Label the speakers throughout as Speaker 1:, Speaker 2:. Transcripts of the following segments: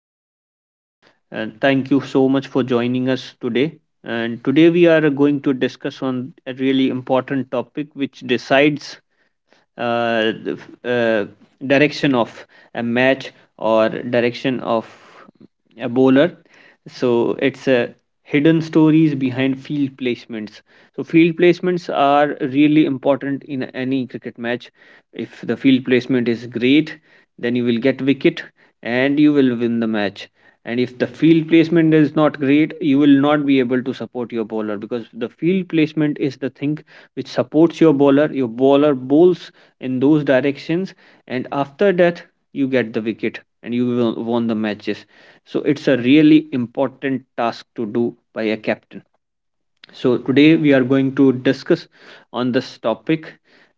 Speaker 1: and thank you so much for joining us today. And today we are going to discuss on a really important topic which decides the uh, direction of a match or direction of a bowler, so it's a hidden stories behind field placements. So field placements are really important in any cricket match. If the field placement is great, then you will get wicket and you will win the match. And if the field placement is not great, you will not be able to support your bowler because the field placement is the thing which supports your bowler. Your bowler bowls in those directions, and after that you get the wicket and you will won the matches. So it's a really important task to do by a captain. So today we are going to discuss on this topic,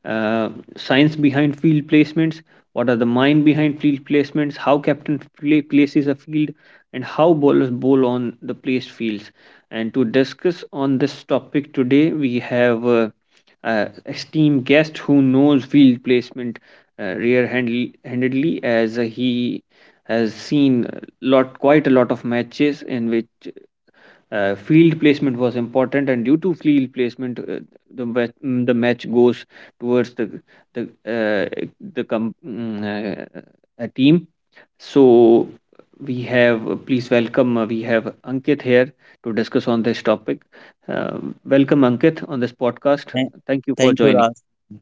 Speaker 1: uh, science behind field placements. What are the mind behind field placements, how captain places a field, and how bowlers bowl on the placed fields. And to discuss on this topic today we have esteemed guest who knows field placement rear-handedly, as he has seen lot quite a lot of matches in which field placement was important, and due to field placement, the match goes towards the the uh, the com- mm, uh, a team. So we have, please welcome. We have Ankit here to discuss on this topic. Uh, welcome, Ankit, on this podcast.
Speaker 2: Thank
Speaker 1: Thank you for
Speaker 2: thank you,
Speaker 1: joining.
Speaker 2: Raj.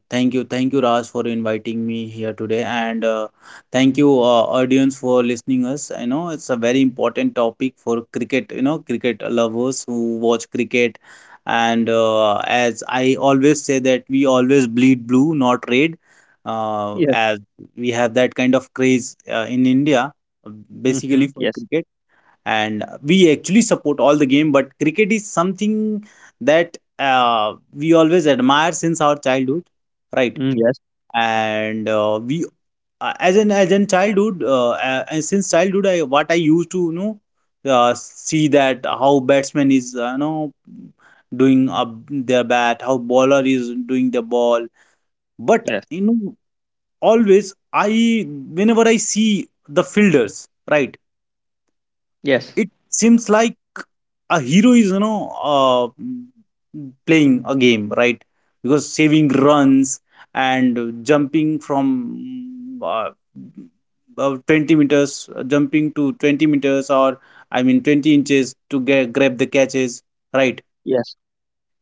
Speaker 2: Thank you, Raj, for inviting me here today, and thank you, audience, for listening us. I know it's a very important topic for cricket. You know, cricket lovers who watch cricket, and as I always say that we always bleed blue, not red,
Speaker 1: Yes.
Speaker 2: as we have that kind of craze in India,
Speaker 1: Mm-hmm.
Speaker 2: basically for
Speaker 1: Yes.
Speaker 2: cricket, and we actually support all the game, but cricket is something that we always admire since our childhood, right?
Speaker 1: Mm, yes.
Speaker 2: And we, as in childhood, and since childhood, I, what I used to, you know, see that how batsman is, you know, doing their bat, how bowler is doing the ball, but
Speaker 1: Yes.
Speaker 2: you know, always I, whenever I see the fielders, right,
Speaker 1: Yes.
Speaker 2: it seems like a hero is, you know, playing a game, right? Because saving runs and jumping from 20 meters, jumping to 20 meters, or I mean 20 inches to get, grab the catches, right?
Speaker 1: Yes.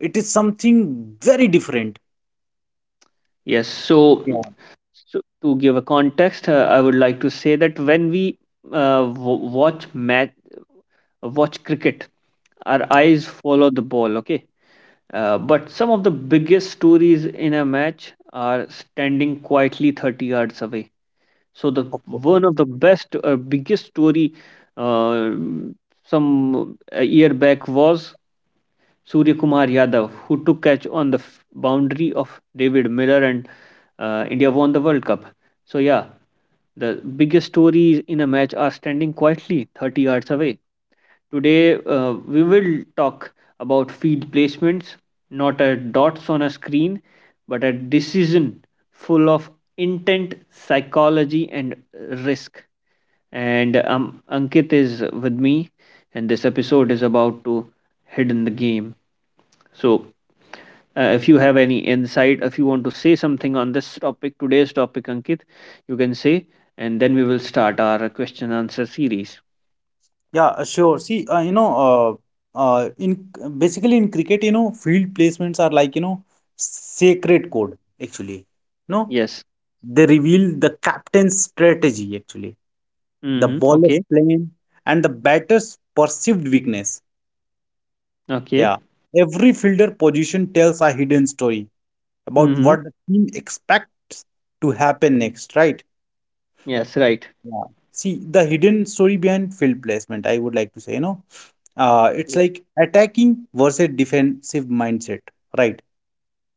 Speaker 2: It is something very different.
Speaker 1: Yes. So.
Speaker 2: Yeah.
Speaker 1: So, to give a context, I would like to say that when we watch match, watch cricket, our eyes follow the ball. Okay, but some of the biggest stories in a match are standing quietly 30 yards away. So the
Speaker 2: Of
Speaker 1: one of the best or biggest story uh, some a year back was Surya Kumar Yadav, who took catch on the boundary of David Miller, and India won the World Cup. So yeah, the biggest stories in a match are standing quietly 30 yards away. Today, we will talk about field placements, not at dots on a screen, but a decision full of intent, psychology, and risk. And Ankit is with me, and this episode is about to hit in the game. So, if you have any insight, if you want to say something on this topic, today's topic, Ankit, you can say, and then we will start our question answer series.
Speaker 2: Yeah, sure. See, you know, in basically in cricket, you know, field placements are like, you know, sacred code actually. No,
Speaker 1: Yes.
Speaker 2: they reveal the captain's strategy actually, the
Speaker 1: Mm-hmm.
Speaker 2: bowler's
Speaker 1: Okay.
Speaker 2: plan, and the batter's perceived weakness.
Speaker 1: Okay.
Speaker 2: Yeah, every fielder position tells a hidden story about
Speaker 1: Mm-hmm.
Speaker 2: what the team expects to happen next, right?
Speaker 1: Yes. Right.
Speaker 2: Yeah. See, the hidden story behind field placement, I would like to say, you know, it's like attacking versus defensive mindset, right?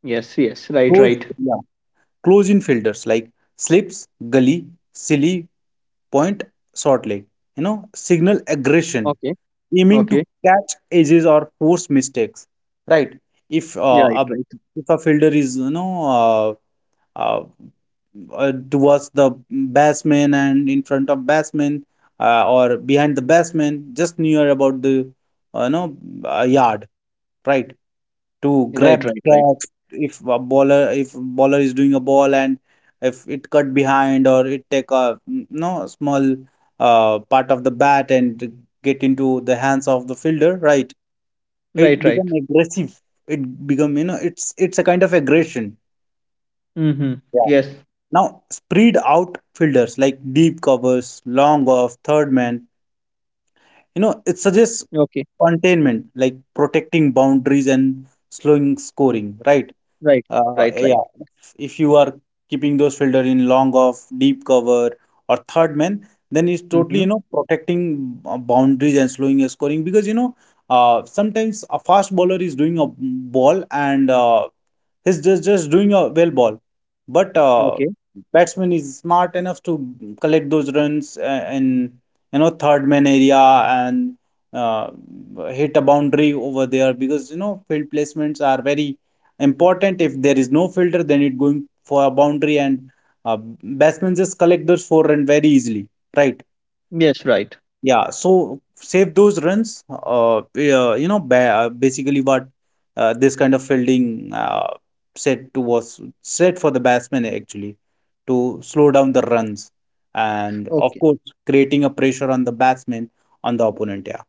Speaker 1: Yes. Yes. Right.
Speaker 2: Close,
Speaker 1: Right.
Speaker 2: yeah, close in fielders like slips, gully, silly, point, short leg, you know, signal aggression,
Speaker 1: Okay.
Speaker 2: aiming to
Speaker 1: Okay.
Speaker 2: catch edges or force mistakes, right? If uh,
Speaker 1: Yeah, right.
Speaker 2: a
Speaker 1: Right.
Speaker 2: if a fielder is, you know, uh, uh, towards the batsman and in front of batsman, or behind the batsman, just near about the no yard, right? To
Speaker 1: Right. Right.
Speaker 2: grab the
Speaker 1: Right.
Speaker 2: catch, if bowler is doing a ball, and if it cut behind or it take a mm, no small part of the bat and get into the hands of the fielder, right?
Speaker 1: Right.
Speaker 2: It
Speaker 1: Right.
Speaker 2: become aggressive. It become, you know, it's a kind of aggression.
Speaker 1: Mm-hmm. Yes.
Speaker 2: Now, spread out fielders like deep covers, long off, third man, you know, it suggests
Speaker 1: Okay.
Speaker 2: containment, like protecting boundaries and slowing scoring, right?
Speaker 1: Right. Right. Right.
Speaker 2: Yeah, if you are keeping those fielder in long off, deep cover, or third man, then it's totally,
Speaker 1: Mm-hmm.
Speaker 2: you know, protecting boundaries and slowing a scoring because, you know, sometimes a fast bowler is doing a ball, and he's just doing a well ball. But
Speaker 1: Okay.
Speaker 2: batsman is smart enough to collect those runs in, you know, third man area, and uh, hit a boundary over there, because you know, field placements are very important. If there is no fielder, then it going for a boundary, and uh, batsmen just collect those four run very easily, right?
Speaker 1: Yes. Right.
Speaker 2: Yeah, so save those runs. Yeah, you know, ba basically what, this kind of fielding, set to was set for the batsman actually, to slow down the runs, and of
Speaker 1: Okay.
Speaker 2: course creating a pressure on the batsman, on the opponent. Yeah.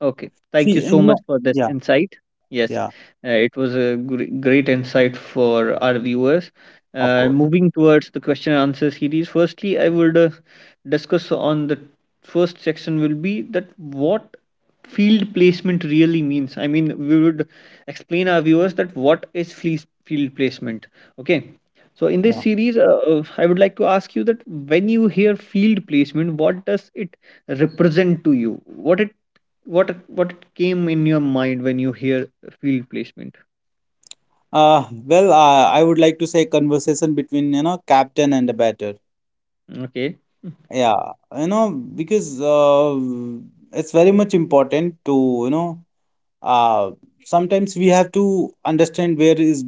Speaker 1: Okay. Thank you
Speaker 2: See,
Speaker 1: so
Speaker 2: you
Speaker 1: much
Speaker 2: know,
Speaker 1: for this
Speaker 2: yeah,
Speaker 1: insight. Yes,
Speaker 2: yeah,
Speaker 1: it was a great insight for our viewers.
Speaker 2: of course.
Speaker 1: Moving towards the question and answer series, firstly, I would discuss on the first section will be that what field placement really means. I mean, we would explain our viewers that what is field placement. Okay. So in
Speaker 2: Yeah.
Speaker 1: this series, I would like to ask you that when you hear field placement, what does it represent to you? What it what came in your mind when you hear field placement?
Speaker 2: Well, I would like to say conversation between, you know, captain and the batter.
Speaker 1: Okay.
Speaker 2: Yeah, you know, because it's very much important to, you know, uh, sometimes we have to understand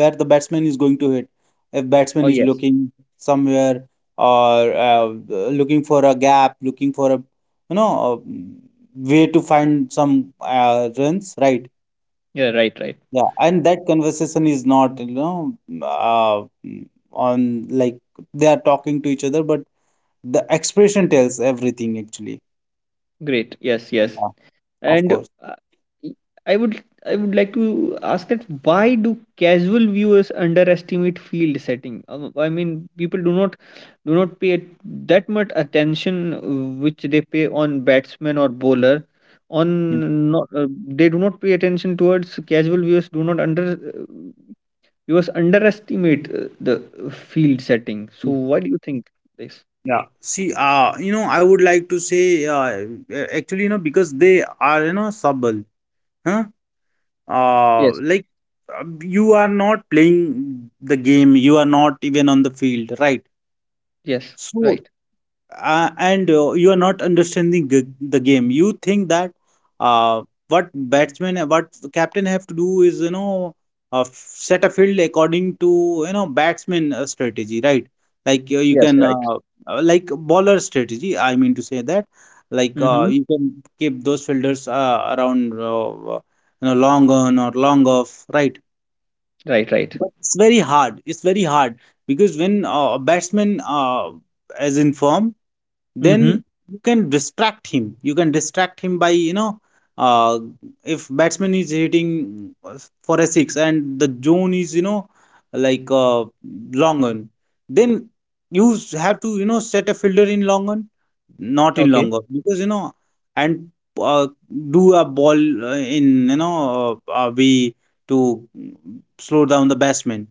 Speaker 2: where the batsman is going to hit. If
Speaker 1: Oh
Speaker 2: batsman is
Speaker 1: yes.
Speaker 2: looking somewhere or looking for a gap, looking for a, you know, a way to find some runs, right?
Speaker 1: Yeah, right, right.
Speaker 2: Yeah, and that conversation is not, you know, on, like they are talking to each other, but the expression tells everything actually.
Speaker 1: Great. Yes, yes.
Speaker 2: Yeah, of
Speaker 1: And
Speaker 2: course.
Speaker 1: I would like to ask that why do casual viewers underestimate field setting? I mean people do not pay that much attention which they pay on batsman or bowler on. Not, they do not pay attention towards. Casual viewers do not under you was underestimate the field setting. So
Speaker 2: Yeah.
Speaker 1: why do you think this?
Speaker 2: Yeah. See, you know, I would like to say, actually, you know, because they are, you know, subtle, huh?
Speaker 1: Yes,
Speaker 2: Like, you are not playing the game, you are not even on the field, right?
Speaker 1: yes,
Speaker 2: So,
Speaker 1: right.
Speaker 2: and you are not understanding the game. You think that, uh, what batsman, what captain have to do is, you know, set a field according to, you know, batsman strategy, right? Like, you
Speaker 1: Yes,
Speaker 2: can,
Speaker 1: right.
Speaker 2: like bowler strategy. I mean to say that, like,
Speaker 1: Mm-hmm.
Speaker 2: you can keep those fielders around, you know, long on or long off, right?
Speaker 1: Right, right.
Speaker 2: But it's very hard. It's very hard because when a batsman is in form,
Speaker 1: Mm-hmm.
Speaker 2: then you can distract him by, you know, uh, if batsman is hitting for a six and the zone is, you know, like, long on, then you have to, you know, set a fielder in long on, not in
Speaker 1: Okay,
Speaker 2: long on, because you know, and uh, do a ball in, you know, way to slow down the batsman,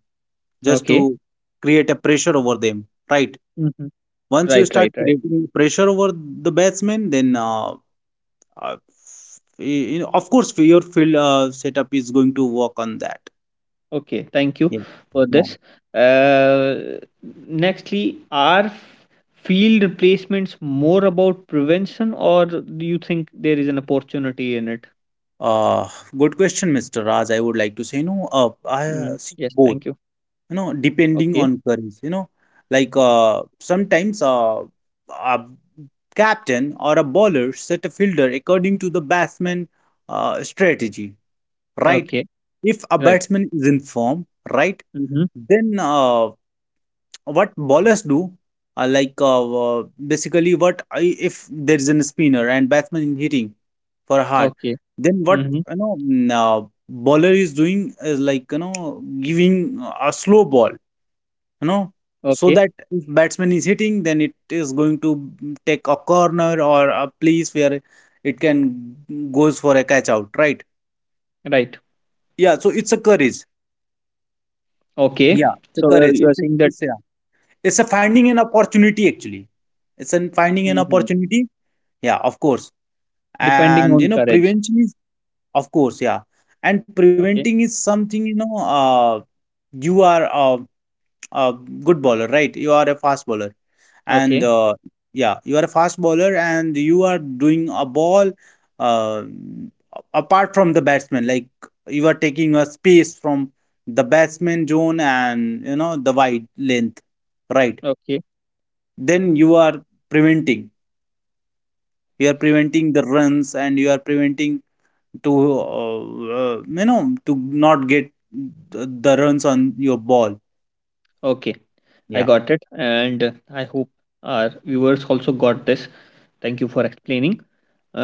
Speaker 2: just
Speaker 1: okay.
Speaker 2: to create a pressure over them, right?
Speaker 1: Mm-hmm.
Speaker 2: Once you
Speaker 1: Right,
Speaker 2: start
Speaker 1: right, right.
Speaker 2: creating pressure over the batsman, then of course your field setup is going to work on that.
Speaker 1: Okay, thank you
Speaker 2: Yeah,
Speaker 1: for
Speaker 2: yeah.
Speaker 1: this. Uh, nextly, are field replacements more about prevention, or do you think there is an opportunity in it?
Speaker 2: Uh, Good question, Mr. Raj. I would like to say, you know,
Speaker 1: Mm,
Speaker 2: I see
Speaker 1: yes,
Speaker 2: both,
Speaker 1: thank you.
Speaker 2: you know, depending
Speaker 1: Okay,
Speaker 2: on currents. You know, like, sometimes a captain or a bowler set a fielder according to the batsman strategy, right?
Speaker 1: okay,
Speaker 2: If a
Speaker 1: right.
Speaker 2: batsman is in form, right,
Speaker 1: Mm-hmm.
Speaker 2: then what bowlers do, like, basically if there is a spinner and batsman is hitting for hard,
Speaker 1: Okay,
Speaker 2: then what,
Speaker 1: mm-hmm.
Speaker 2: you know, bowler is doing is, like, you know, giving a slow ball, you know, so
Speaker 1: Okay,
Speaker 2: that if batsman is hitting, then it is going to take a corner or a place where it can goes for a catch out, right?
Speaker 1: right.
Speaker 2: Yeah, so it's a courage.
Speaker 1: Okay.
Speaker 2: Yeah, it's a
Speaker 1: So,
Speaker 2: courage.
Speaker 1: you are
Speaker 2: it's a,
Speaker 1: saying that.
Speaker 2: it's a, it's a finding an opportunity actually. It's an finding an
Speaker 1: Hmm,
Speaker 2: opportunity. Yeah, of course. And
Speaker 1: depending
Speaker 2: you
Speaker 1: on
Speaker 2: know,
Speaker 1: courage.
Speaker 2: prevention is, of course, yeah. And preventing
Speaker 1: Okay.
Speaker 2: is something, you know, you are a good bowler, right? You are a fast bowler. And
Speaker 1: Okay.
Speaker 2: yeah, you are a fast bowler, and you are doing a ball uh, apart from the batsman. Like, you are taking a space from the batsman zone and, you know, the wide length, right?
Speaker 1: Okay.
Speaker 2: Then you are preventing. You are preventing the runs, and you are preventing to uh, you know, to not get the runs on your ball.
Speaker 1: Okay. I
Speaker 2: Yeah.
Speaker 1: got it. And I hope our viewers also got this. Thank you for explaining.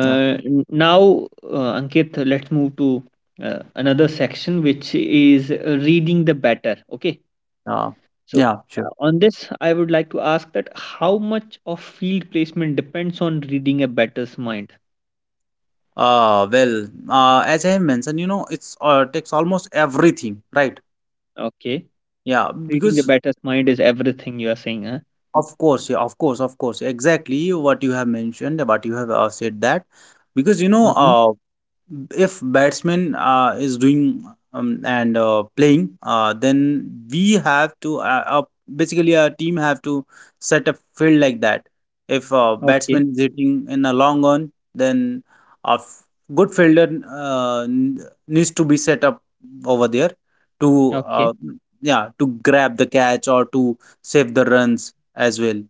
Speaker 2: Yeah.
Speaker 1: Now, Ankit, let's move to another section, which is reading the batter. Okay.
Speaker 2: Uh,
Speaker 1: So,
Speaker 2: yeah, sure.
Speaker 1: on this, I would like to ask that how much of field placement depends on reading a batter's mind?
Speaker 2: Well, as I have mentioned, you know, it's takes almost everything, right?
Speaker 1: Okay.
Speaker 2: Yeah,
Speaker 1: Reading the
Speaker 2: because
Speaker 1: batter's mind is everything you are saying,
Speaker 2: of course, yeah, of course, exactly what you have mentioned, what you have said that, because you know,
Speaker 1: huh?
Speaker 2: if batsman is doing, and playing, then we have to, basically our team have to set a field like that. If
Speaker 1: Okay,
Speaker 2: batsman is hitting in a long on, then a good fielder, needs to be set up over there, to,
Speaker 1: okay,
Speaker 2: yeah, to grab the catch or to save the runs as well,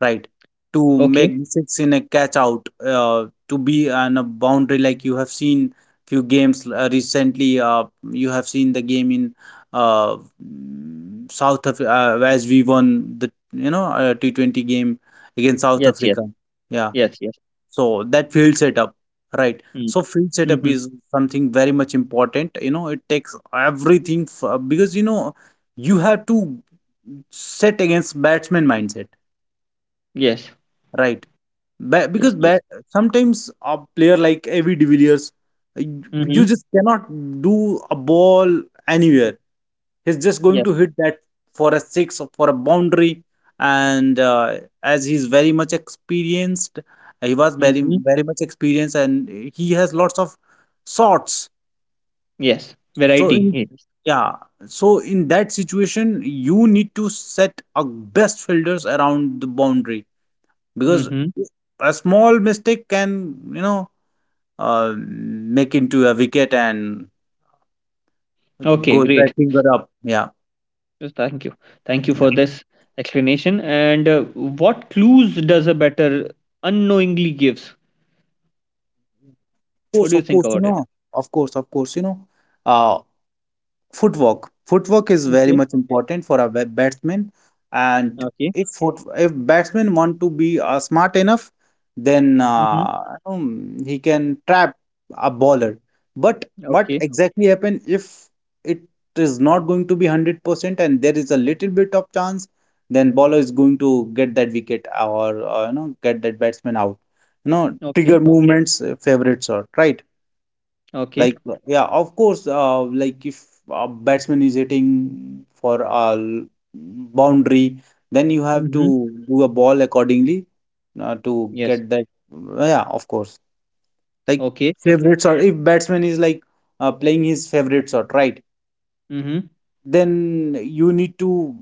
Speaker 2: right, to
Speaker 1: okay.
Speaker 2: make the six in a catch out, to be on a boundary, like you have seen few games recently, you have seen the game in uh, south of, as we won the, you know, T20 game against South
Speaker 1: Yes, yes,
Speaker 2: Africa, yeah,
Speaker 1: yes, yes.
Speaker 2: so that field setup, right,
Speaker 1: Mm,
Speaker 2: so field setup
Speaker 1: mm-hmm.
Speaker 2: is something very much important, you know, it takes everything, because, you know, you have to set against batsman mindset,
Speaker 1: Yes,
Speaker 2: right?
Speaker 1: yes,
Speaker 2: Because
Speaker 1: yes.
Speaker 2: sometimes a player like Avi de Villiers, you
Speaker 1: Mm-hmm.
Speaker 2: you just cannot do a ball anywhere. He's just going
Speaker 1: Yes.
Speaker 2: to hit that for a six or for a boundary. And as he's very much experienced, he was very,
Speaker 1: Mm-hmm.
Speaker 2: very much experienced, and he has lots of shots.
Speaker 1: Yes.
Speaker 2: So,
Speaker 1: Variety.
Speaker 2: in
Speaker 1: Yes.
Speaker 2: yeah, so in that situation, you need to set a best fielders around the boundary, because
Speaker 1: Mm-hmm.
Speaker 2: a small mistake can, you know, make into a wicket, and
Speaker 1: Okay,
Speaker 2: goes by
Speaker 1: great.
Speaker 2: finger up. Yeah.
Speaker 1: Yes, thank you. Thank you
Speaker 2: Yeah,
Speaker 1: for
Speaker 2: of
Speaker 1: this explanation. And what clues does a better unknowingly gives? What
Speaker 2: course.
Speaker 1: do you
Speaker 2: Of
Speaker 1: think
Speaker 2: course, you
Speaker 1: about it?
Speaker 2: know. Of course, of course, you know, uh footwork is very
Speaker 1: Okay.
Speaker 2: much important for a batsman. And
Speaker 1: Okay.
Speaker 2: if batsmen want to be smart enough, then
Speaker 1: Mm-hmm.
Speaker 2: he can trap a bowler. But what
Speaker 1: Okay.
Speaker 2: exactly happen if it is not going to be 100% and there is a little bit of chance, then bowler is going to get that wicket, or, you know, get that batsman out. You know,
Speaker 1: Okay.
Speaker 2: trigger movements, favorite shot, right, like,
Speaker 1: Okay.
Speaker 2: yeah, of course. Like, if a batsman is hitting for a boundary, then you have
Speaker 1: Mm-hmm.
Speaker 2: to do a ball accordingly, to
Speaker 1: Yes.
Speaker 2: get that. Yeah, of course. Like,
Speaker 1: Okay.
Speaker 2: favorite shot. If batsman is like playing his favorite shot, right?
Speaker 1: Mm-hmm.
Speaker 2: Then you need to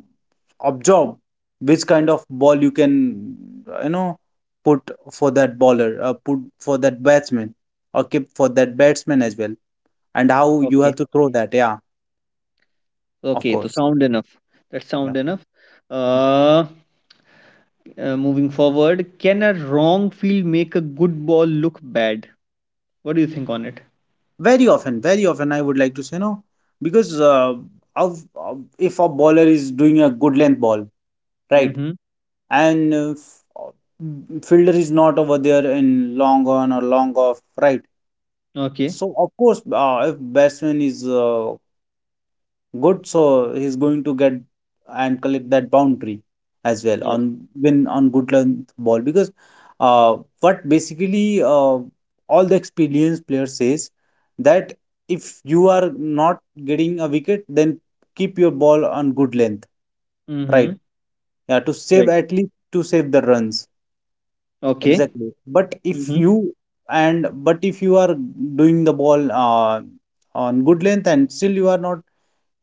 Speaker 2: observe which kind of ball you can, you know, put for that bowler, put for that batsman, or keep for that batsman as well and how you have
Speaker 1: Okay.
Speaker 2: to throw that. Yeah, of
Speaker 1: Okay. So
Speaker 2: course.
Speaker 1: sound enough. That's
Speaker 2: Yeah,
Speaker 1: sound enough. Uh. Moving forward, can a wrong field make a good ball look bad? What do you think on it?
Speaker 2: very often, I would like to say no because of if a bowler is doing a good length ball, right,
Speaker 1: Mm-hmm.
Speaker 2: and fielder is not over there in long on or long off, right.
Speaker 1: Okay.
Speaker 2: So of course, if batsman is good, so he's going to get and collect that boundary as well on
Speaker 1: Yes.
Speaker 2: win on good length ball because what basically all the experienced player says that if you are not getting a wicket then keep your ball on good length,
Speaker 1: Mm-hmm.
Speaker 2: right, yeah, to save,
Speaker 1: Right.
Speaker 2: at least to save the runs.
Speaker 1: Okay.
Speaker 2: Exactly, but if
Speaker 1: Mm-hmm.
Speaker 2: you and but if you are doing the ball on good length and still you are not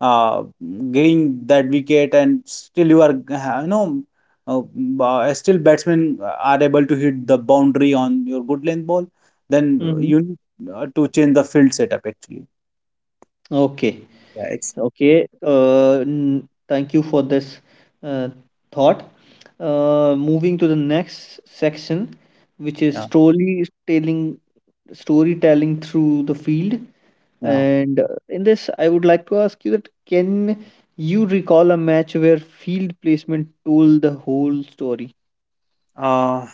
Speaker 2: uh, getting that wicket and still you are you know uh, still batsmen are able to hit the boundary on your good length ball, then
Speaker 1: Mm-hmm.
Speaker 2: you need to change the field setup actually.
Speaker 1: Okay.
Speaker 2: Yeah, it's
Speaker 1: Okay. Thank you for this uh, thought. Moving to the next section, which is
Speaker 2: yeah
Speaker 1: storytelling through the field.
Speaker 2: yeah.
Speaker 1: And in this, I would like to ask you that can you recall a match where field placement told the whole story?
Speaker 2: uh,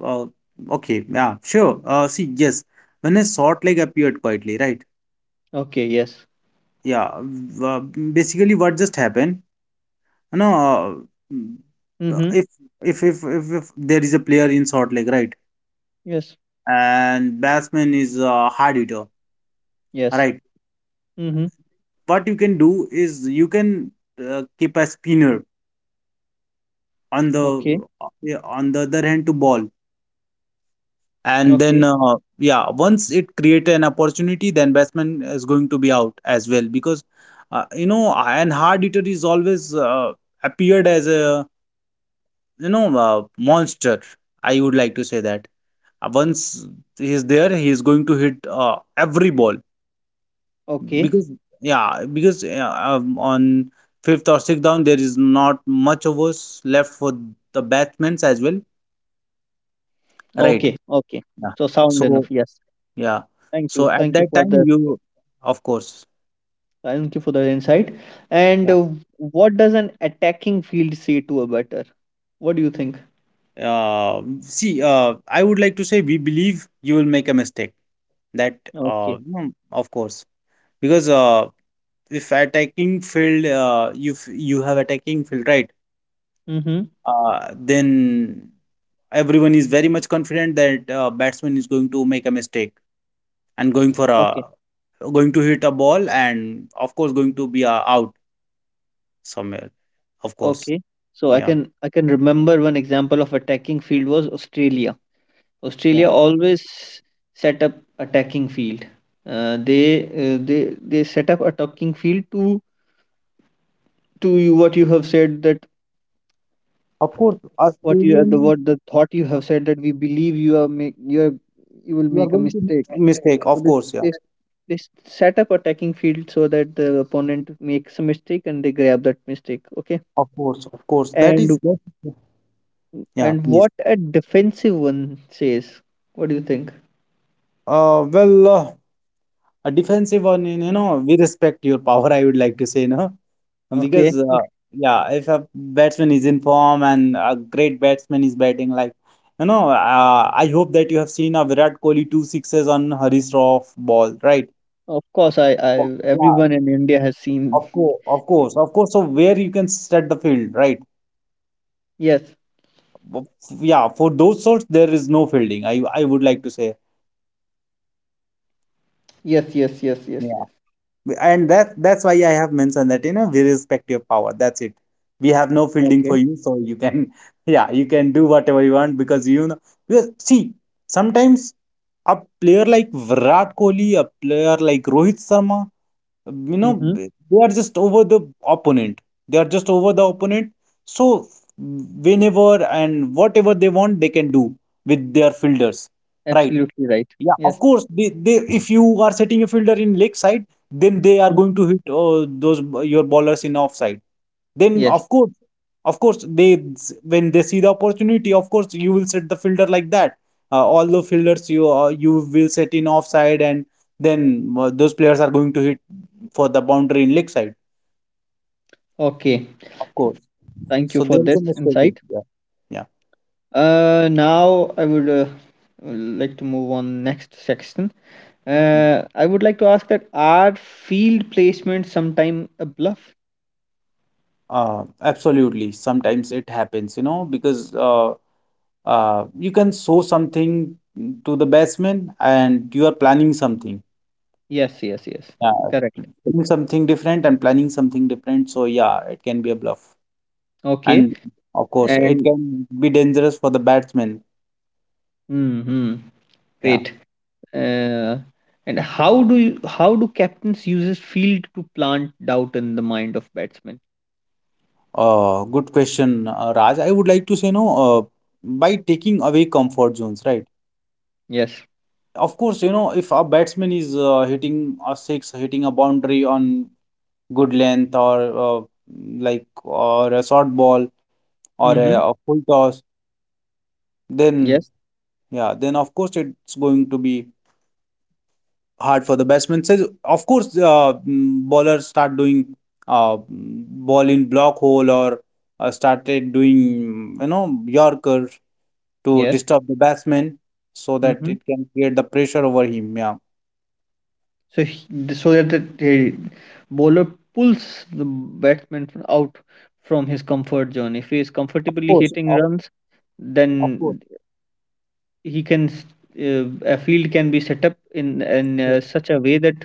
Speaker 2: uh okay, yeah, sure. See, yes, when a short leg appeared quietly, right?
Speaker 1: Okay, yes.
Speaker 2: Yeah, basically, what just happened? You know, uh,
Speaker 1: Mm-hmm.
Speaker 2: if, if there is a player in short leg, right?
Speaker 1: Yes.
Speaker 2: And batsman is a hard hitter. All
Speaker 1: Yes.
Speaker 2: right,
Speaker 1: Mm-hmm.
Speaker 2: what you can do is you can keep a spinner on the,
Speaker 1: Okay.
Speaker 2: yeah, on the other hand to ball, and
Speaker 1: Okay.
Speaker 2: then yeah, once it create an opportunity then batsman is going to be out as well because you know, and hard hitter is always appeared as a, you know, monster, I would like to say that. Once he is there he is going to hit every ball
Speaker 1: Okay.
Speaker 2: because, yeah, because, yeah, on fifth or sixth down there is not much of us left for the batsmen as well, right?
Speaker 1: Okay. Okay.
Speaker 2: Yeah,
Speaker 1: So sound
Speaker 2: so
Speaker 1: enough. Yes.
Speaker 2: yeah,
Speaker 1: Thank
Speaker 2: so
Speaker 1: you.
Speaker 2: at
Speaker 1: Thank you
Speaker 2: that
Speaker 1: for
Speaker 2: time
Speaker 1: that.
Speaker 2: you, of course,
Speaker 1: Thank you for the insight. And
Speaker 2: yeah.
Speaker 1: what does an attacking field say to a batter? What do you think?
Speaker 2: See, I would like to say we believe you will make a mistake. That
Speaker 1: Okay.
Speaker 2: no, of course, because if attacking field, if you have attacking field, right,
Speaker 1: Mm-hmm.
Speaker 2: then everyone is very much confident that batsman is going to make a mistake and going for
Speaker 1: Okay.
Speaker 2: a, going to hit a ball and of course going to be out somewhere, of course.
Speaker 1: Okay. So I
Speaker 2: Yeah
Speaker 1: can I can remember one example of attacking field was Australia.
Speaker 2: Yeah.
Speaker 1: Australia always set up attacking field. They set up attacking field to you, what you have said that,
Speaker 2: Of course,
Speaker 1: what you the
Speaker 2: Australian,
Speaker 1: what the thought you have said that we believe you are make you are, you will
Speaker 2: you are
Speaker 1: make a
Speaker 2: going to
Speaker 1: mistake.
Speaker 2: make mistake,
Speaker 1: So
Speaker 2: of
Speaker 1: this
Speaker 2: course, yeah,
Speaker 1: this they set up attacking field so that the opponent makes a mistake and they grab that mistake. Okay,
Speaker 2: of course, of course, that is
Speaker 1: and
Speaker 2: that. Yeah,
Speaker 1: and
Speaker 2: please.
Speaker 1: what a defensive one says. What do you think?
Speaker 2: uh well uh, a defensive one, you know, we respect your power, I would like to say no. Because
Speaker 1: Okay,
Speaker 2: yeah, if a batsman is in form and a great batsman is batting, like, you know, I hope that you have seen a Virat Kohli two sixes on Harish Rauf ball, right?
Speaker 1: of course, I
Speaker 2: Oh, yeah,
Speaker 1: everyone in India has seen.
Speaker 2: of course, of course, of course. So where you can set the field, right?
Speaker 1: Yes,
Speaker 2: Of- Yeah, for those sorts there is no fielding. I would like to say.
Speaker 1: yes, yes, yes, yes, yes.
Speaker 2: And that's why I have mentioned that, you know, we respect your power. That's it. We have no fielding for
Speaker 1: Okay.
Speaker 2: you, so you can yeah, you can do whatever you want because, you know, because see, sometimes a player like Virat Kohli, a player like Rohit Sharma, you know,
Speaker 1: Mm-hmm.
Speaker 2: they are just over the opponent. They are just over the opponent. So whenever and whatever they want, they can do with their fielders, right?
Speaker 1: Absolutely right.
Speaker 2: Yeah, of
Speaker 1: Yes.
Speaker 2: course. They if you are setting a fielder in leg side, then they are
Speaker 1: Mm.
Speaker 2: going to hit those your ballers in offside. Then
Speaker 1: Yes.
Speaker 2: of course, they, when they see the opportunity, of course you will set the fielder like that. All the fielders you you will set in offside, and then those players are going to hit for the boundary in leg side.
Speaker 1: Okay.
Speaker 2: Of course.
Speaker 1: Thank you
Speaker 2: So
Speaker 1: for
Speaker 2: there is
Speaker 1: this
Speaker 2: a strategy.
Speaker 1: insight.
Speaker 2: Yeah, yeah.
Speaker 1: Now I would like to move on next section.
Speaker 2: Mm.
Speaker 1: I would like to ask that are field placements sometime a bluff?
Speaker 2: Absolutely. Sometimes it happens, you know, because you can show something to the batsman and you are planning something.
Speaker 1: Yes, yes, yes.
Speaker 2: Yeah,
Speaker 1: Correct.
Speaker 2: doing something different and planning something different. So yeah, it can be a bluff.
Speaker 1: Okay.
Speaker 2: And of course, it
Speaker 1: And
Speaker 2: can be dangerous for the batsman.
Speaker 1: hmm,
Speaker 2: Yeah.
Speaker 1: great. Uh, and how do you, how do captains uses field to plant doubt in the mind of batsmen?
Speaker 2: Good question, Raj. I would like to say no, by taking away comfort zones, right?
Speaker 1: Yes.
Speaker 2: Of course, you know, if a batsman is hitting a six, hitting a boundary on good length or like or a short ball or
Speaker 1: Mm-hmm.
Speaker 2: a full toss, then,
Speaker 1: Yes.
Speaker 2: yeah, then of course it's going to be hard for the batsman says of course bowlers start doing ball in block hole or started doing, you know, yorker to
Speaker 1: Yes.
Speaker 2: disturb the batsman so that
Speaker 1: Mm-hmm.
Speaker 2: it can create the pressure over him. Yeah,
Speaker 1: So he, so that the bowler pulls the batsman out from his comfort zone. If he is
Speaker 2: of
Speaker 1: comfortably
Speaker 2: course,
Speaker 1: hitting runs,
Speaker 2: of course.
Speaker 1: then he can s- a field can be set up in in
Speaker 2: Yes.
Speaker 1: uh, such a way that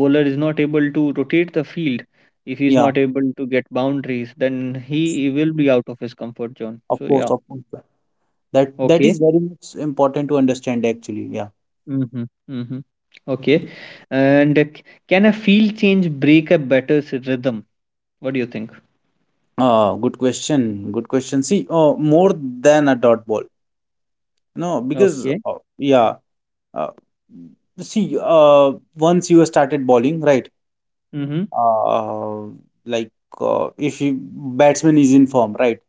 Speaker 1: bowler is not able to rotate the field. If he is
Speaker 2: Yeah,
Speaker 1: not able to get boundaries, then he will be out of his comfort zone.
Speaker 2: of
Speaker 1: So
Speaker 2: course,
Speaker 1: yeah.
Speaker 2: of course, that
Speaker 1: Okay.
Speaker 2: is very much important to understand actually. Yeah.
Speaker 1: Mhm, mhm. Okay. And can a field change break a batter's rhythm? What do you think?
Speaker 2: Good question, good question. See, more than a dot ball, no, because
Speaker 1: Okay.
Speaker 2: uh, yeah. Uh, See, once you started bowling, right?
Speaker 1: Mm-hmm.
Speaker 2: Uh, like if you batsman is in form, right,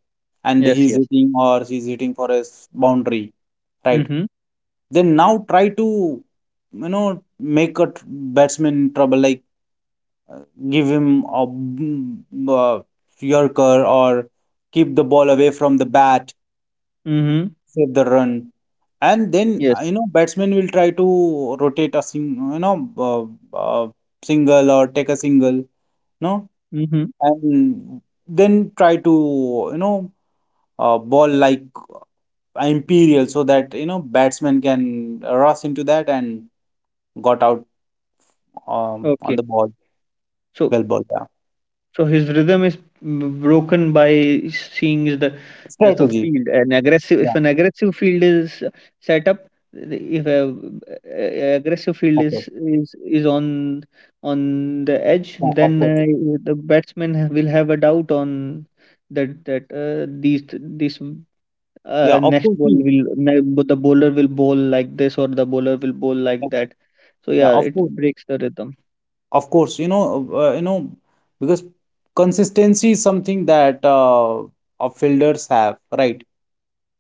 Speaker 2: and
Speaker 1: Yes,
Speaker 2: he's
Speaker 1: yes.
Speaker 2: hitting or she's hitting for a boundary, right?
Speaker 1: Mm-hmm.
Speaker 2: Then now try to, you know, make a batsman in trouble, like give him a yorker or keep the ball away from the bat,
Speaker 1: Mm-hmm.
Speaker 2: save the run. And then,
Speaker 1: Yes.
Speaker 2: you know, batsman will try to rotate a sing, you know, uh, uh, single or take a single, no?
Speaker 1: Mm-hmm.
Speaker 2: And then try to, you know, ball like imperial so that, you know, batsman can rush into that and got out on
Speaker 1: Okay.
Speaker 2: the ball,
Speaker 1: So
Speaker 2: well ball, yeah.
Speaker 1: So his rhythm is broken by seeing is the
Speaker 2: Strategy,
Speaker 1: field, an aggressive.
Speaker 2: yeah,
Speaker 1: If an aggressive field is set up, if a, a- aggressive field is
Speaker 2: okay,
Speaker 1: is is on on the edge,
Speaker 2: yeah,
Speaker 1: then
Speaker 2: of course.
Speaker 1: the batsman will have a doubt on that, that these this
Speaker 2: Yeah, of
Speaker 1: next
Speaker 2: course,
Speaker 1: ball
Speaker 2: see,
Speaker 1: will but the bowler will bowl like this or the bowler will bowl
Speaker 2: yeah,
Speaker 1: like that, so
Speaker 2: yeah,
Speaker 1: yeah,
Speaker 2: of
Speaker 1: it
Speaker 2: course.
Speaker 1: breaks the rhythm.
Speaker 2: Of course, you know, because consistency is something that our fielders have, right?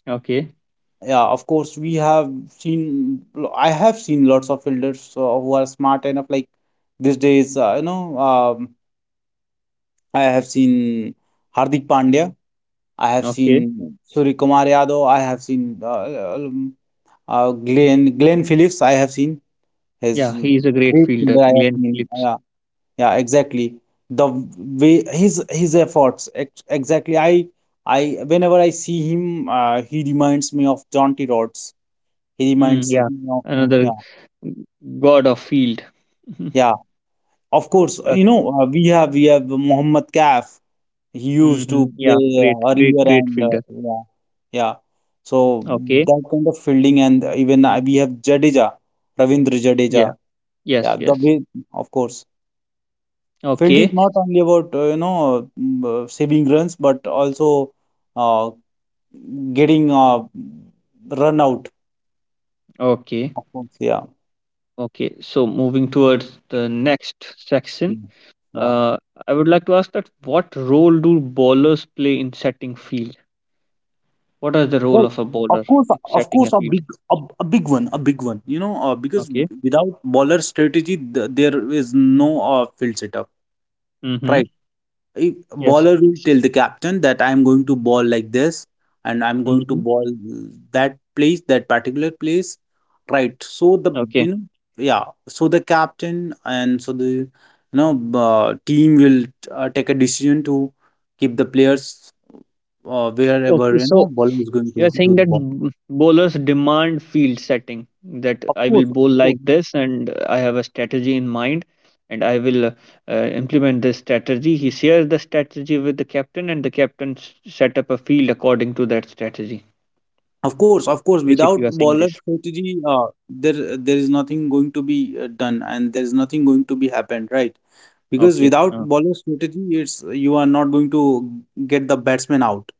Speaker 1: Okay,
Speaker 2: Yeah, of course, we have seen. I have seen lots of fielders who are smart enough. Like these days, you know, I have seen Hardik Pandya. I have
Speaker 1: okay.
Speaker 2: seen Surya Kumar Yadav. I have seen Glenn Phillips. I have seen his
Speaker 1: Yeah, he is a great
Speaker 2: great
Speaker 1: fielder,
Speaker 2: fielder. I have
Speaker 1: Glenn
Speaker 2: seen.
Speaker 1: Phillips.
Speaker 2: Yeah, yeah, exactly, the way his efforts exactly. I whenever I see him, he reminds me of John T Rhodes. He
Speaker 1: Mm,
Speaker 2: reminds
Speaker 1: yeah,
Speaker 2: me of
Speaker 1: another
Speaker 2: yeah,
Speaker 1: g- god of field.
Speaker 2: yeah, of course. You know,
Speaker 1: Okay.
Speaker 2: we have Mohammed Kaf. He used to
Speaker 1: Hmm, yeah,
Speaker 2: play
Speaker 1: great, great,
Speaker 2: earlier
Speaker 1: great
Speaker 2: and
Speaker 1: fielder.
Speaker 2: yeah, yeah. So
Speaker 1: Okay.
Speaker 2: that kind of fielding, and even we have Jadeja, Ravindra Jadeja.
Speaker 1: Yeah.
Speaker 2: Yeah,
Speaker 1: Yes.
Speaker 2: the
Speaker 1: Yes.
Speaker 2: way, of course. Field is
Speaker 1: Okay.
Speaker 2: not only about you know, saving runs, but also uh, getting run out.
Speaker 1: Okay.
Speaker 2: Of course, yeah,
Speaker 1: Okay. So moving towards the next section,
Speaker 2: yeah, yeah.
Speaker 1: uh, I would like to ask that what role do bowlers play in setting field? What is the role
Speaker 2: Well,
Speaker 1: of a
Speaker 2: of
Speaker 1: bowler
Speaker 2: course,
Speaker 1: in
Speaker 2: of
Speaker 1: setting a
Speaker 2: course,
Speaker 1: field?
Speaker 2: a big one, a big one. You know, because
Speaker 1: Okay.
Speaker 2: without bowler strategy, th there is no field setup,
Speaker 1: Mm-hmm.
Speaker 2: right? If
Speaker 1: Yes.
Speaker 2: bowler will tell the captain that I am going to ball like this and I'm going to
Speaker 1: Mm-hmm.
Speaker 2: ball that place, that particular place. Right. So the,
Speaker 1: Okay.
Speaker 2: you know, yeah. So the captain and so the, you know, team will take a decision to keep the players
Speaker 1: Okay,
Speaker 2: wherever, you
Speaker 1: so
Speaker 2: know, bowler is going
Speaker 1: you are
Speaker 2: to
Speaker 1: saying
Speaker 2: do the
Speaker 1: that
Speaker 2: ball.
Speaker 1: bowlers demand field setting that
Speaker 2: Of
Speaker 1: I will
Speaker 2: course, of
Speaker 1: bowl like
Speaker 2: course.
Speaker 1: this and I have a strategy in mind, and I will implement this strategy. He shares the strategy with the captain and the captain set up a field according to that strategy.
Speaker 2: Of course, of course. Without
Speaker 1: Basically, you are saying
Speaker 2: bowler
Speaker 1: this.
Speaker 2: strategy, there is nothing going to be done, and there is nothing going to be happened, right? Because
Speaker 1: Okay.
Speaker 2: without bowling strategy, it's you are not going to get the batsman out.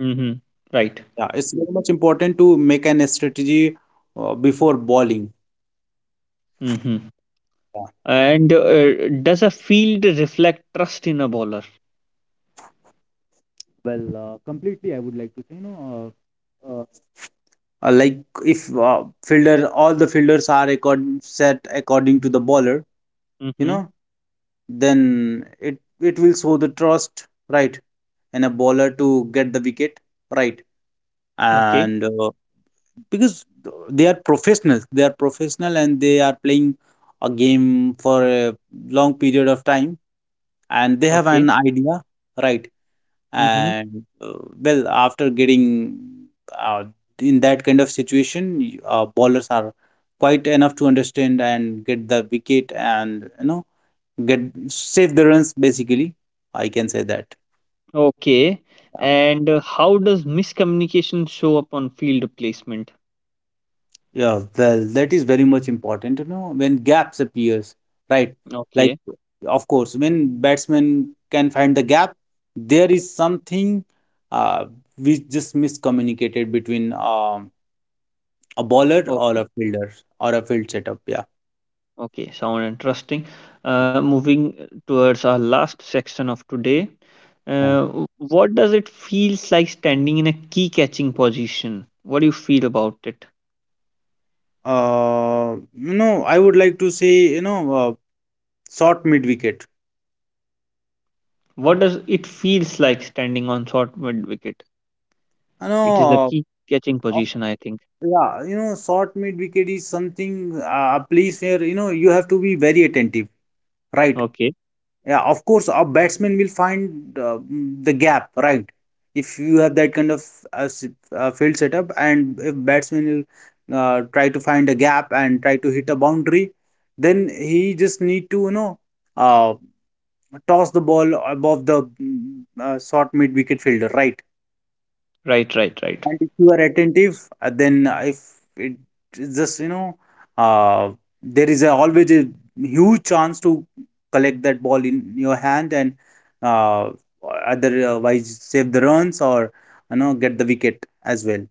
Speaker 1: Mm-hmm. Right.
Speaker 2: Yeah, it's very much important to make an strategy before bowling.
Speaker 1: Mm-hmm.
Speaker 2: Yeah.
Speaker 1: And does a field reflect trust in a bowler?
Speaker 2: Well, completely, I would like to say, you know, uh, uh, like if fielder, all the fielders are accord set according to the bowler, you
Speaker 1: Mm-hmm.
Speaker 2: know, then it it will show the trust, right, and a bowler to get the wicket, right,
Speaker 1: Okay.
Speaker 2: and because they are professionals, they are professional and they are playing a game for a long period of time, and they have
Speaker 1: Okay.
Speaker 2: an idea, right,
Speaker 1: Mm-hmm.
Speaker 2: and well after getting uh, in that kind of situation, bowlers are quite enough to understand and get the wicket and, you know, get, save the runs basically, I can say that.
Speaker 1: Okay. And how does miscommunication show up on field placement?
Speaker 2: Yeah, well, that is very much important, you know, when gaps appears, right? Like,
Speaker 1: Okay.
Speaker 2: of course, when batsmen can find the gap, there is something uh, which just miscommunicated between a bowler or
Speaker 1: Okay.
Speaker 2: a fielder or a field setup. Yeah.
Speaker 1: Okay. Sound interesting. Moving towards our last section of today.
Speaker 2: Yeah.
Speaker 1: What does it feels like standing in a key catching position? What do you feel about it?
Speaker 2: You know, I would like to say, you know, short mid wicket.
Speaker 1: What does it feels like standing on short mid wicket?
Speaker 2: You
Speaker 1: It is a
Speaker 2: know,
Speaker 1: key catching
Speaker 2: uh, of-
Speaker 1: position, I think.
Speaker 2: yeah, you know, short mid wicket is something, a place where, you know, you have to be very attentive, right?
Speaker 1: Okay.
Speaker 2: Yeah, of course, a batsman will find the gap, right? If you have that kind of field setup, and if batsman will try to find a gap and try to hit a boundary, then he just need to, you know, uh, toss the ball above the short mid wicket fielder, right?
Speaker 1: Right. Right. Right.
Speaker 2: And if you are attentive, then if it is just, you know, uh, there is a, always a huge chance to collect that ball in your hand and uh, otherwise save the runs or, you know, get the wicket as well.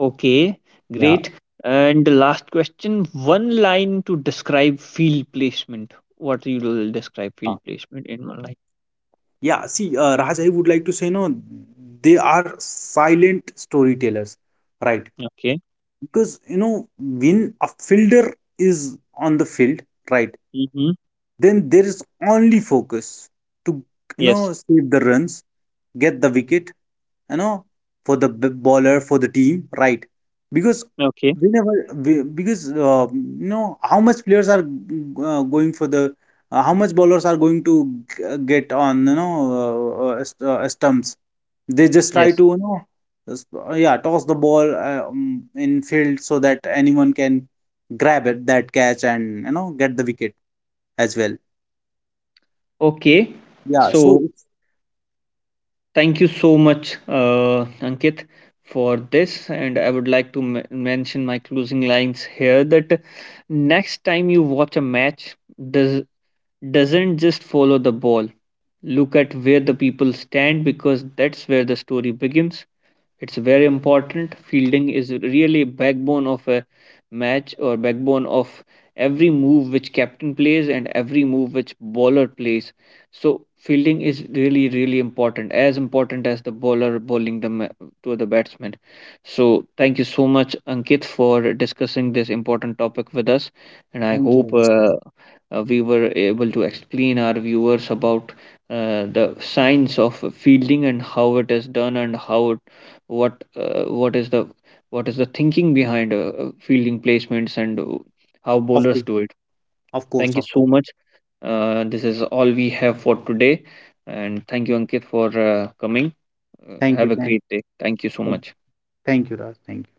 Speaker 1: Okay,
Speaker 2: Yeah.
Speaker 1: great. And the last question, one line to describe field placement. What you will describe
Speaker 2: uh,
Speaker 1: field placement in one line?
Speaker 2: Yeah. See, Raj, I would like to say, no, they are silent storytellers, right?
Speaker 1: Okay.
Speaker 2: Because, you know, when a fielder is on the field, right?
Speaker 1: Mm-hmm.
Speaker 2: Then there is only focus to, you
Speaker 1: Yes.
Speaker 2: know, save the runs, get the wicket, you know, for the bowler, for the team, right? Because
Speaker 1: Okay.
Speaker 2: whenever because you know, how much players are going for the how much bowlers are going to get on, you know, stumps, they just try
Speaker 1: Yes.
Speaker 2: to, you know, yeah, toss the ball in field so that anyone can grab it, that catch, and, you know, get the wicket as well,
Speaker 1: Okay.
Speaker 2: yeah,
Speaker 1: So
Speaker 2: so.
Speaker 1: thank you so much, Ankit, for this. And I would like to mention my closing lines here that next time you watch a match, does doesn't just follow the ball. Look at where the people stand because that's where the story begins. It's very important. Fielding is really backbone of a match or backbone of every move which captain plays and every move which bowler plays. So fielding is really really important, as important as the bowler bowling the to the batsman. So thank you so much, Ankit, for discussing this important topic with us. And I
Speaker 2: Thank you,
Speaker 1: hope
Speaker 2: Raj.
Speaker 1: we were able to explain our viewers about the science of fielding and how it is done, and how what is the thinking behind fielding placements, and how
Speaker 2: Of
Speaker 1: bowlers
Speaker 2: course,
Speaker 1: do it.
Speaker 2: of course,
Speaker 1: Thank you
Speaker 2: of
Speaker 1: so
Speaker 2: course.
Speaker 1: much. Uh, this is all we have for today. And thank you, Ankit, for coming. Uh,
Speaker 2: Thank
Speaker 1: have
Speaker 2: you,
Speaker 1: a
Speaker 2: thank,
Speaker 1: great day, thank you so much.
Speaker 2: thank you, Raj. Thank you.